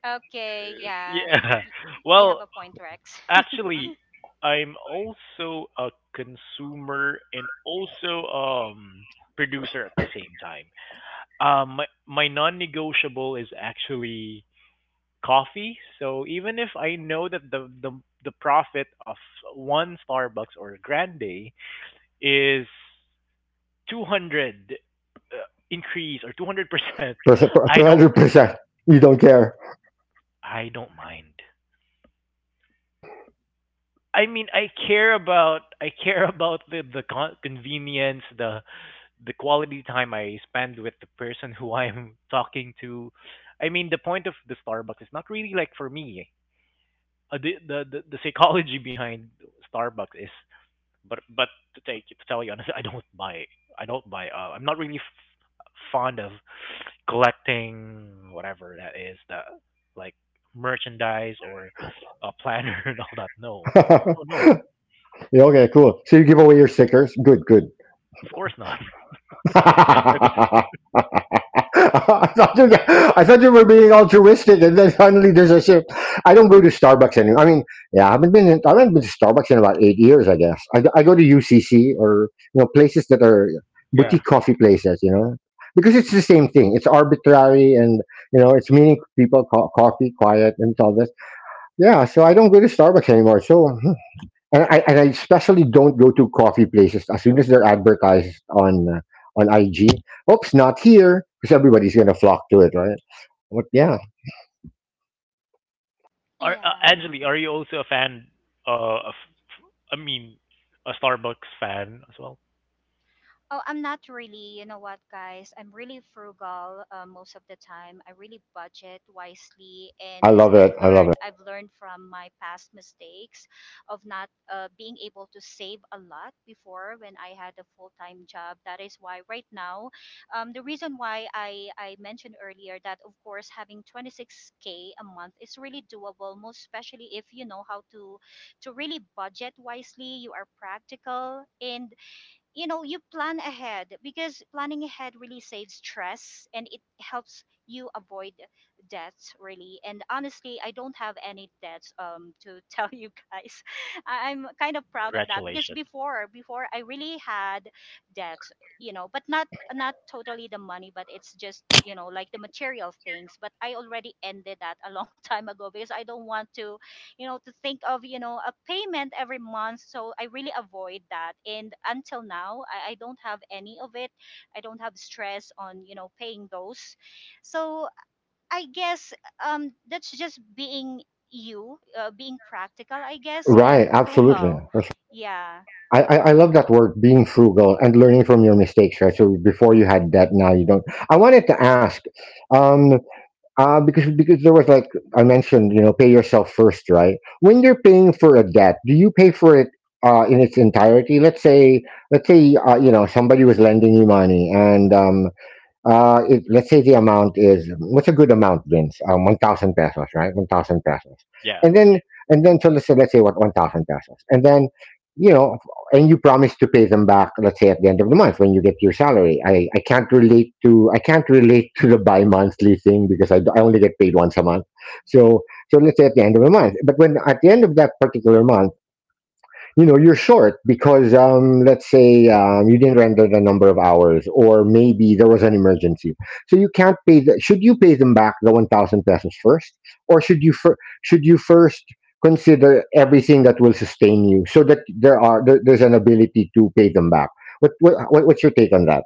Okay, yeah. Yeah. Y- you have Well, a point, Rex. actually, I'm also a consumer and also producer at the same time. Um, my non-negotiable is actually coffee. So even if I know that the profit of one Starbucks or Grande is 200 uh, increase or 200%, Percent, I don't 200%. You don't care. I don't mind. I mean, I care about the convenience, the quality time I spend with the person who I'm talking to. I mean, the point of the Starbucks is not really like for me. The psychology behind Starbucks is, but to take to tell you honestly, I don't buy. I'm not really fond of collecting whatever that is the like merchandise or a planner and all that. No, no, no. Okay, cool. So you give away your stickers? Good, good. Of course not. I don't- I, thought you, I thought you were being altruistic, and then suddenly there's a shift. I don't go to Starbucks anymore. I mean, yeah, I haven't been to Starbucks in about 8 years, I guess. I go to UCC, or you know, places that are yeah. boutique coffee places, you know, because it's the same thing. It's arbitrary, and you know, it's meaning people, coffee, quiet, and all this. Yeah, so I don't go to Starbucks anymore. So hmm. And I especially don't go to coffee places as soon as they're advertised on, on IG. Oops, not here, because everybody's gonna flock to it, right? But yeah, Are, yeah. Angeli, are you also a fan of I mean, a Starbucks fan as well. Oh, I'm not really, you know what, guys? I'm really frugal most of the time. I really budget wisely, and I because love it. I love it. I've learned from my past mistakes of not being able to save a lot before when I had a full time job. That is why right now, the reason why I mentioned earlier that of course having 26k a month is really doable, most especially if you know how to really budget wisely. You are practical and you know you plan ahead, because planning ahead really saves stress and it helps you avoid debts, really. And honestly, I don't have any debts, to tell you guys. I'm kind of proud of that, because Congratulations. before I really had debts, you know, but not not totally the money, but it's just, you know, like the material things. But I already ended that a long time ago, because I don't want to, you know, to think of, you know, a payment every month, so I really avoid that. And until now, I don't have any of it. I don't have stress on, you know, paying those. So I guess that's just being you being practical, I guess, and Right, absolutely, frugal. for sure. Yeah. I love that word, being frugal, and learning from your mistakes, right? So before you had debt, now you don't. I wanted to ask, um, because there was like, I mentioned, you know, pay yourself first, right? When you're paying for a debt, do you pay for it, in its entirety? Let's say, you know, somebody was lending you money, and if, let's say the amount is, what's a good amount, Vince? 1,000 pesos, right? 1,000 pesos, Yeah, and then and then so let's say, let's say what, 1,000 pesos, and then, you know, and you promise to pay them back. Let's say at the end of the month when you get your salary. I can't relate to the bi monthly thing because I only get paid once a month. So so let's say at the end of the month, but when at the end of that particular month, you know, you're short because let's say you didn't render the number of hours or maybe there was an emergency, so you can't pay the, should you pay them back the 1,000 pesos first, or should you should you first consider everything that will sustain you so that there's an ability to pay them back. What's your take on that?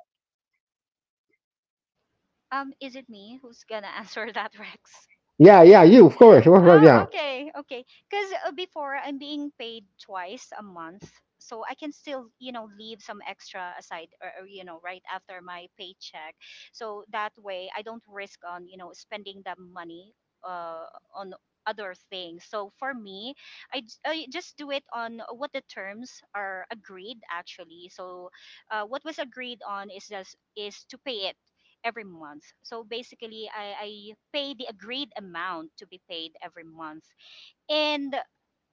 is it me who's gonna answer that, Rex? Yeah, yeah, you of course, Oh, yeah. okay, okay. Because before I'm being paid twice a month, so I can still, you know, leave some extra aside, or you know, right after my paycheck. So that way, I don't risk on, you know, spending the money uh, on other things. So for me, I just do it on what the terms are agreed actually. So what was agreed on is just is to pay it every month. So basically, I pay the agreed amount to be paid every month, and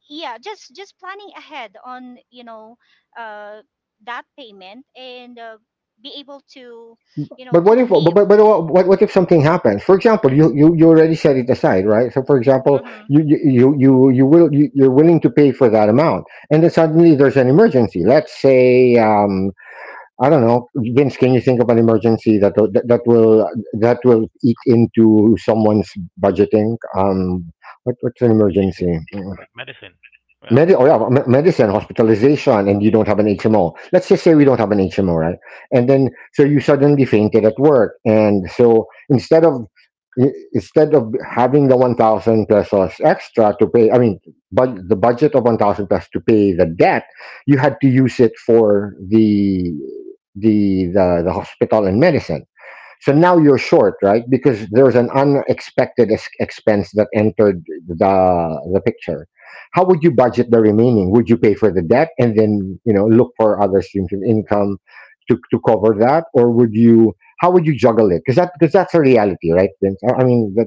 yeah, just planning ahead on, you know, uh, that payment and be able to, you know, But to what if, but, live. But what if something happens? For example, you, you already set it aside, right? So for example, Hmm. You're willing to pay for that amount, and then suddenly there's an emergency. Let's say I don't know, Vince. Can you think of an emergency that will eat into someone's budgeting? What's an emergency? medicine, Mm. like medicine. Yeah. Oh yeah, medicine, hospitalization, and you don't have an HMO. Let's just say we don't have an HMO, right? And then so you suddenly fainted at work, and so instead of, instead of having the 1,000 pesos extra to pay, I mean, but the budget of 1,000 pesos to pay the debt, you had to use it for the, the hospital and medicine. So now you're short, right? Because there's an unexpected expense that entered the picture. How would you budget the remaining? Would you pay for the debt and then, you know, look for other streams of income to cover that, or would you? How would you juggle it? Because that's a reality, right, Vince? I mean, that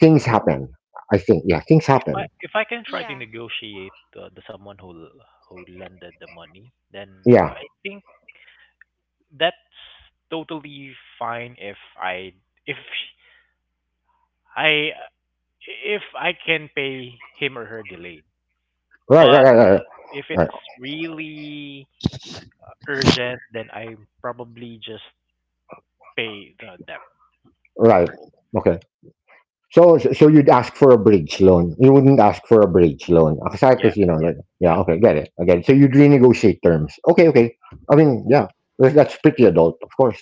things happen. I think, yeah, things If happen. I can try to Yeah. negotiate the someone who lended the money, then Yeah, I think that's totally fine if I if I if I can pay him or her delayed. right, right, But right, right, if it's right. really urgent, then I probably just pay the debt Right. first. Okay. So you'd ask for a bridge loan. You wouldn't ask for a bridge loan. Aside, Yeah, because, you know, like, yeah, yeah. okay, get it. I get it. So you'd renegotiate terms. Okay, okay. I mean, yeah, that's pretty adult, of course.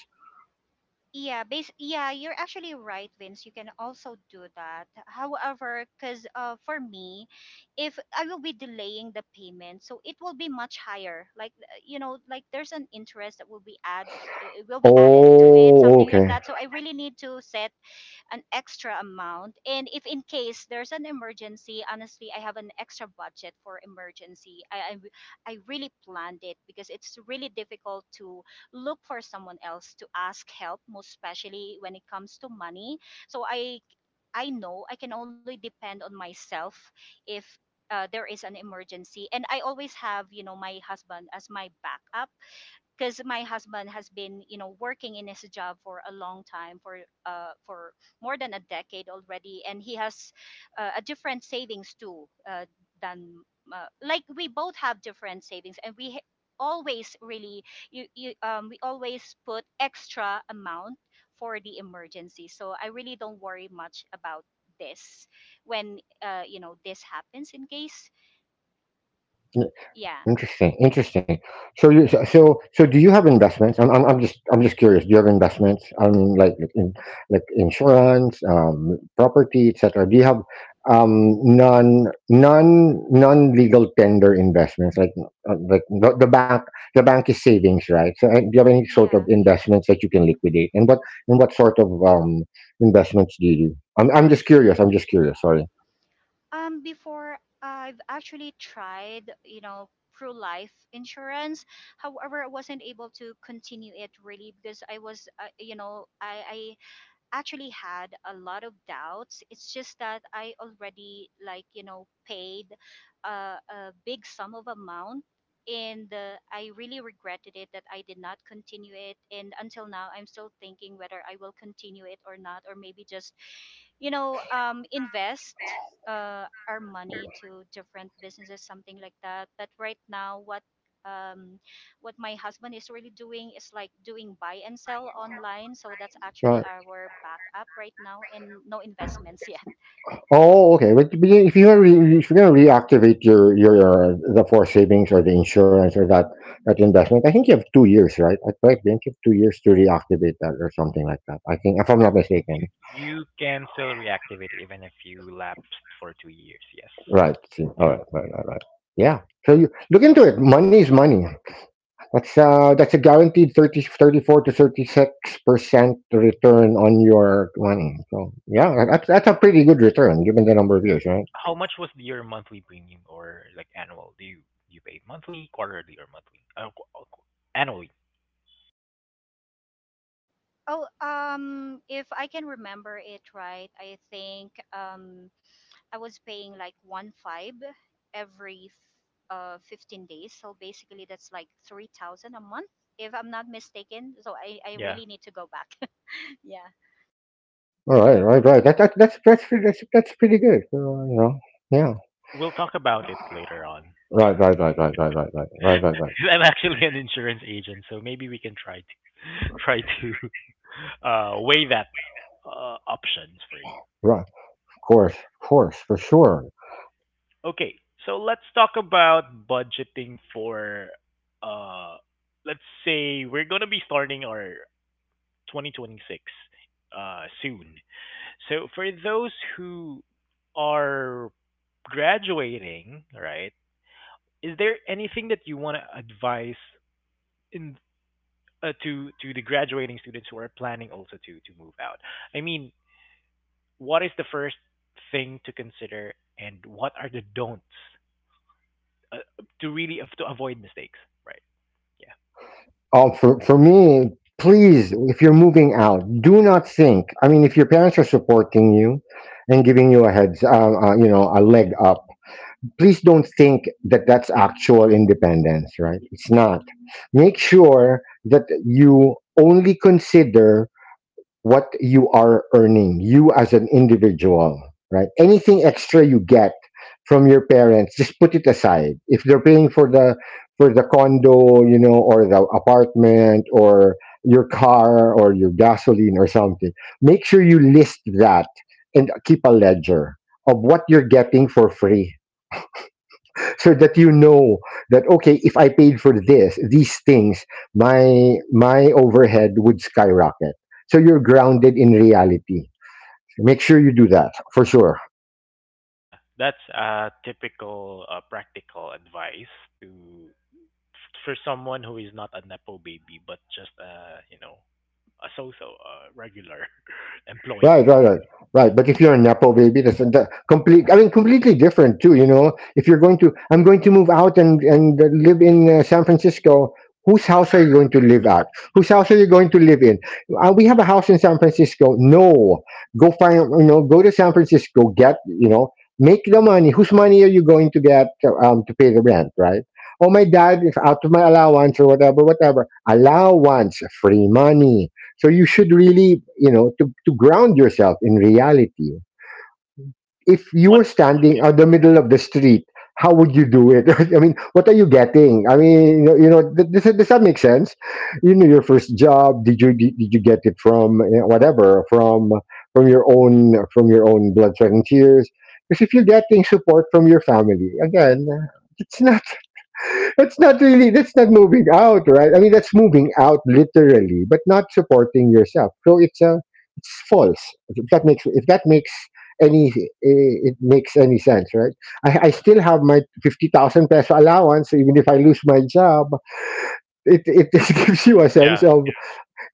Yeah, base yeah, you're actually right, Vince. You can also do that. However, because for me, if I will be delaying the payment, so it will be much higher. Like you know, like there's an interest that will be add will be added to it, Oh, something like okay. that. So I really need to set an extra amount. And if in case there's an emergency, honestly, I have an extra budget for emergency. I really planned it, because it's really difficult to look for someone else to ask help, most especially when it comes to money. So I know I can only depend on myself. If there is an emergency, and I always have, you know, my husband as my backup. Because my husband has been, you know, working in his job for a long time for more than a decade already, and he has a different savings too, than like we both have different savings, and we always really you, you we always put extra amount for the emergency. So I really don't worry much about this when, you know, this happens, in case. Yeah. Interesting, interesting. So do you have investments? I'm just curious. Do you have investments? I mean, like insurance, property, etc. Do you have non non non legal tender investments, like the bank, the bank is savings, right? So do you have any sort of Yeah. investments that you can liquidate, and what sort of investments do you do? I'm just curious, sorry. Before I've actually tried, you know, pro life insurance. However, I wasn't able to continue it really because you know, I actually had a lot of doubts. It's just that I already, like, you know, paid a big sum of amount, and I really regretted it that I did not continue it. And until now, I'm still thinking whether I will continue it or not, or maybe just, you know, invest. Our money to different businesses, something like that. But right now, um, what my husband is really doing is like doing buy and sell online. So that's actually our backup right now, and no investments yet. Oh, okay. But if you're if you're gonna reactivate your the for savings or the insurance or that investment, I think you have 2 years, right? I think you have 2 years to reactivate that or something like that. I think, if I'm not You mistaken. you can still reactivate it even if you lapsed for 2 years. Yes. Right. See. Yeah. All right. Right. Right. Right. Yeah. So you look into it. Money is money. That's a guaranteed 30, 34% to 36% return on your money. So yeah, that's a pretty good return given the number of years, right? How much was your monthly premium or like annual? Do you pay monthly, quarterly, or monthly? Annually. Oh, if I can remember it right, I think, I was paying like one five every 15 days. So basically, that's like 3,000 a month, if I'm not mistaken. So I Yeah. really need to go back. yeah. All right, right, right. That's pretty good. So, you know, yeah. We'll talk about it later on. Right, right, right, right, right, right, right, right, right, right. I'm actually an insurance agent, so maybe we can try to try to weigh that options for you. Right. Of course, for sure. Okay, so let's talk about budgeting for. Uh, let's say we're gonna be starting our 2026 soon. So for those who are graduating, right? Is there anything that you want to advise in to the graduating students who are planning also to move out? I mean, what is the first thing to consider, and what are the don'ts uh, to really to avoid mistakes? Right? Yeah. For me, please, if you're moving out, do not think. I mean, if your parents are supporting you and giving you a heads, you know, a leg up, please don't think that that's actual independence. Right? It's not. Make sure that you only consider what you are earning, you as an individual, right? Anything extra you get from your parents, just put it aside. If they're paying for the condo, you know, or the apartment or your car or your gasoline or something, make sure you list that and keep a ledger of what you're getting for free, so that you know that, okay, if I paid for this these things, my overhead would skyrocket, so you're grounded in reality. Make sure you do that, for sure. Yeah, that's a typical practical advice to for someone who is not a nepo baby but just you know a so-so regular employee. Right, right, right, right. But if you're a nepo baby, that's that complete. I mean, completely different too. You know, if you're going to, I'm going to move out and live in San Francisco. Whose house are you going to live at? Whose house are you going to live in? We have a house in San Francisco. No, go find. You know, go to San Francisco. Get. You know, make the money. Whose money are you going to get to pay the rent? Right. Oh, my dad is out of my allowance or whatever, whatever. Allowance, free money, so you should really, you know, to ground yourself in reality. If Yeah, you were one. standing Yeah. on the middle of the street, how would you do it? I mean, what are you getting? I mean, you know, does that make sense? You know, your first job, did you get it from, you know, whatever, from your own blood, sweat, and tears? Because if you're getting support from your family, again, it's not. That's not moving out, right? I mean, that's moving out literally, but not supporting yourself. So it's false. If that makes any eh, it makes any sense, right? I still have my 50,000 peso allowance, so even if I lose my job. It just gives you a sense Yeah, of,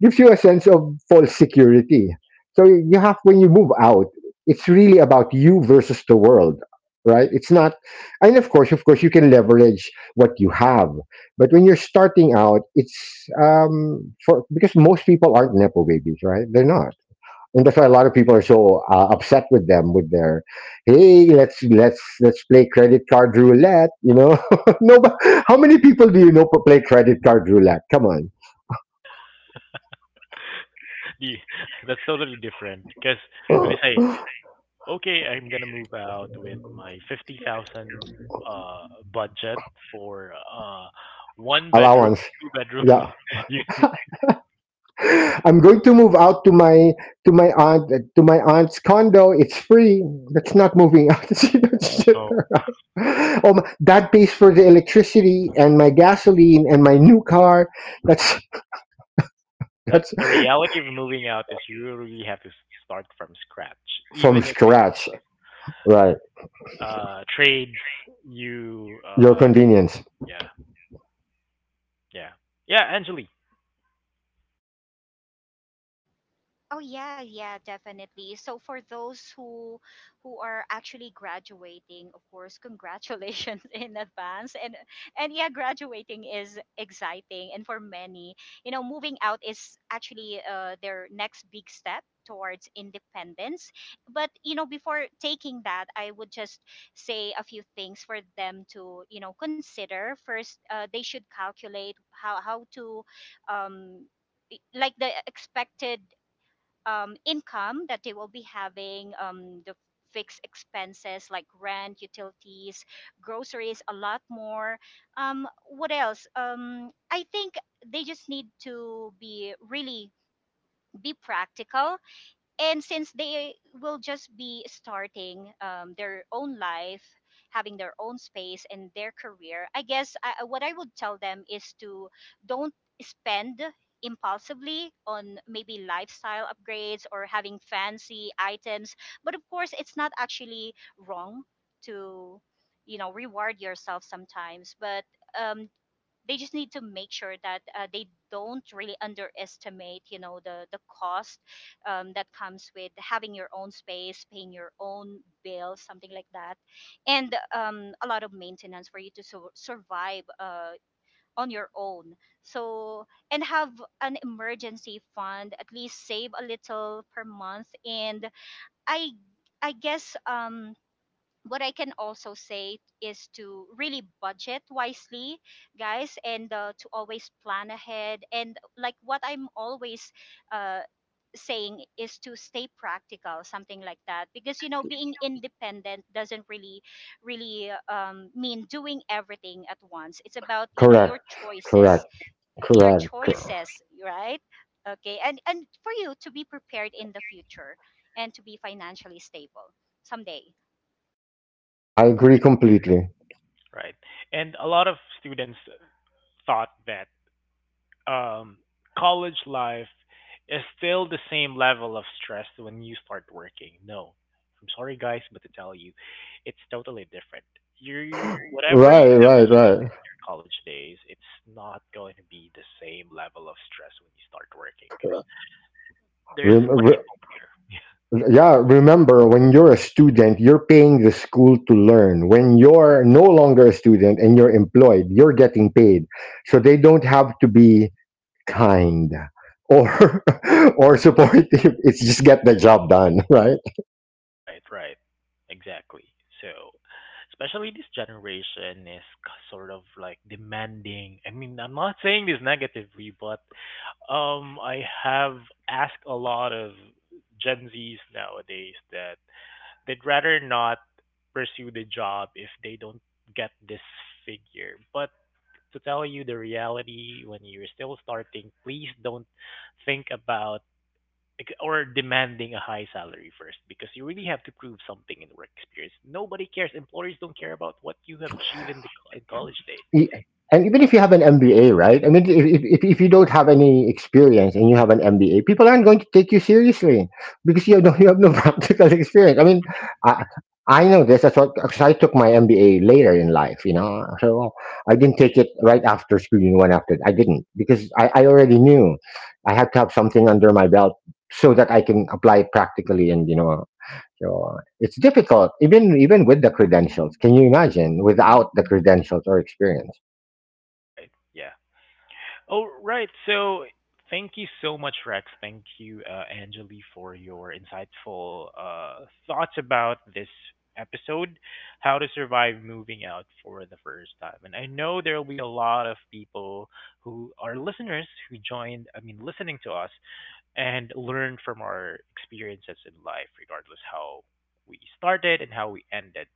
false security. So you have, when you move out, it's really about you versus the world, right? It's not, and of course, you can leverage what you have, but when you're starting out, it's for because most people aren't nepo babies, right? They're not. And that's why a lot of people are so upset with them, with their, hey, let's play credit card roulette. You know, no, but how many people do you know play credit card roulette? Come the, that's totally different because when on, you say okay I'm gonna move out with my 50,000 uh budget for one bedroom allowance, two bedroom. yeah. You I'm going to move out to my, to my aunt to my aunt's condo. It's free. That's not moving out. You know, shit. know, Oh my, that pays for the electricity and my gasoline and my new car. that's that's that's the reality of moving out: is you really have to start from scratch from even if it scratch, right, trades you your uh. convenience. Yeah. Yeah. Yeah, Anjali. Oh yeah, Wha- yeah, definitely. So for those who are actually graduating, of course, congratulations in advance. And yeah, graduating is exciting, and for many, you know, moving out is actually their next big step towards independence. But you know, before taking that, I would just say a few things for them to, you know, consider. First, they should calculate how to, um, like the expected income that they will be having, the fixed expenses like rent, utilities, groceries, a lot more. What else? I think they just need to be practical. And since they will just be starting their own life, having their own space and their career, I guess, what I would tell them is to don't spend impulsively on maybe lifestyle upgrades or having fancy items. But of course, it's not actually wrong to, you know, reward yourself sometimes. But um, they just need to make sure that they don't really underestimate, you know, the cost that comes with having your own space, paying your own bills, something like that, and a lot of maintenance for you to survive on your own. So and have an emergency fund, at least save a little per month. And i I guess what I can also say is to really budget wisely, guys, and to always plan ahead. And like what I'm always uh, saying is to stay practical, something like that. Because, you know, being independent doesn't really mean doing everything at once. It's about, you know, Correct, correct, your correct, choices, right? Okay. And for you to be prepared in the future and to be financially stable someday. I agree completely. Right. And a lot of students thought that um, college life is still the same level of stress when you start working. No. I'm sorry, guys, but to tell you, it's totally different. You, whatever your Right, right, right. college days, it's not going to be the same level of stress when you start working because there's Rem- money. re- Yeah, remember when you're a student, you're paying the school to learn. When you're no longer a student and you're employed, you're getting paid. So they don't have to be kind or, or supportive. It's just get the job done, right? Right, right. Exactly. So, especially this generation is sort of like demanding. I mean, I'm not saying this negatively, but I have asked a lot of Gen Zs nowadays that they'd rather not pursue the job if they don't get this figure. But to tell you the reality, when you're still starting, please don't think about or demanding a high salary first because you really have to prove something in work experience. Nobody cares. Employers don't care about what you have achieved in the in college days. E- and even if you have an MBA, right? I mean, if you don't have any experience and you have an MBA, people aren't going to take you seriously because you have no practical experience. I mean, I, I know this. That's what, because I took my MBA later in life, you know. So well, I didn't take it right after school, you know, one after. I didn't because I already knew I had to have something under my belt so that I can apply it practically and, you know, so it's difficult, even with the credentials. Can you imagine without the credentials or experience? Right. Yeah. Oh, right. So thank you so much, Rex. Thank you, Anjali, for your insightful thoughts about this episode, how to survive moving out for the first time. And I know there will be a lot of people who are listeners who joined, I mean, listening to us and learn from our experiences in life, regardless how we started and how we ended.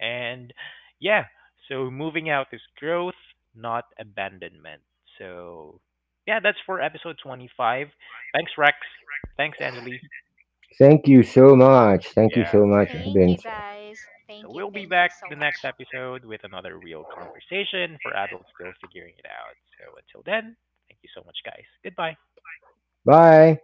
And yeah, so moving out is growth, not abandonment. So yeah, that's for episode 25. Thanks, Rex. Thanks, Angeli. Thank you so much. Thank you Yeah. so much, Thank you, Vince. guys. So we'll be Thank you back so the next much. episode with another real conversation for adults still figuring it out. So until then, thank you so much, guys. Goodbye. Bye.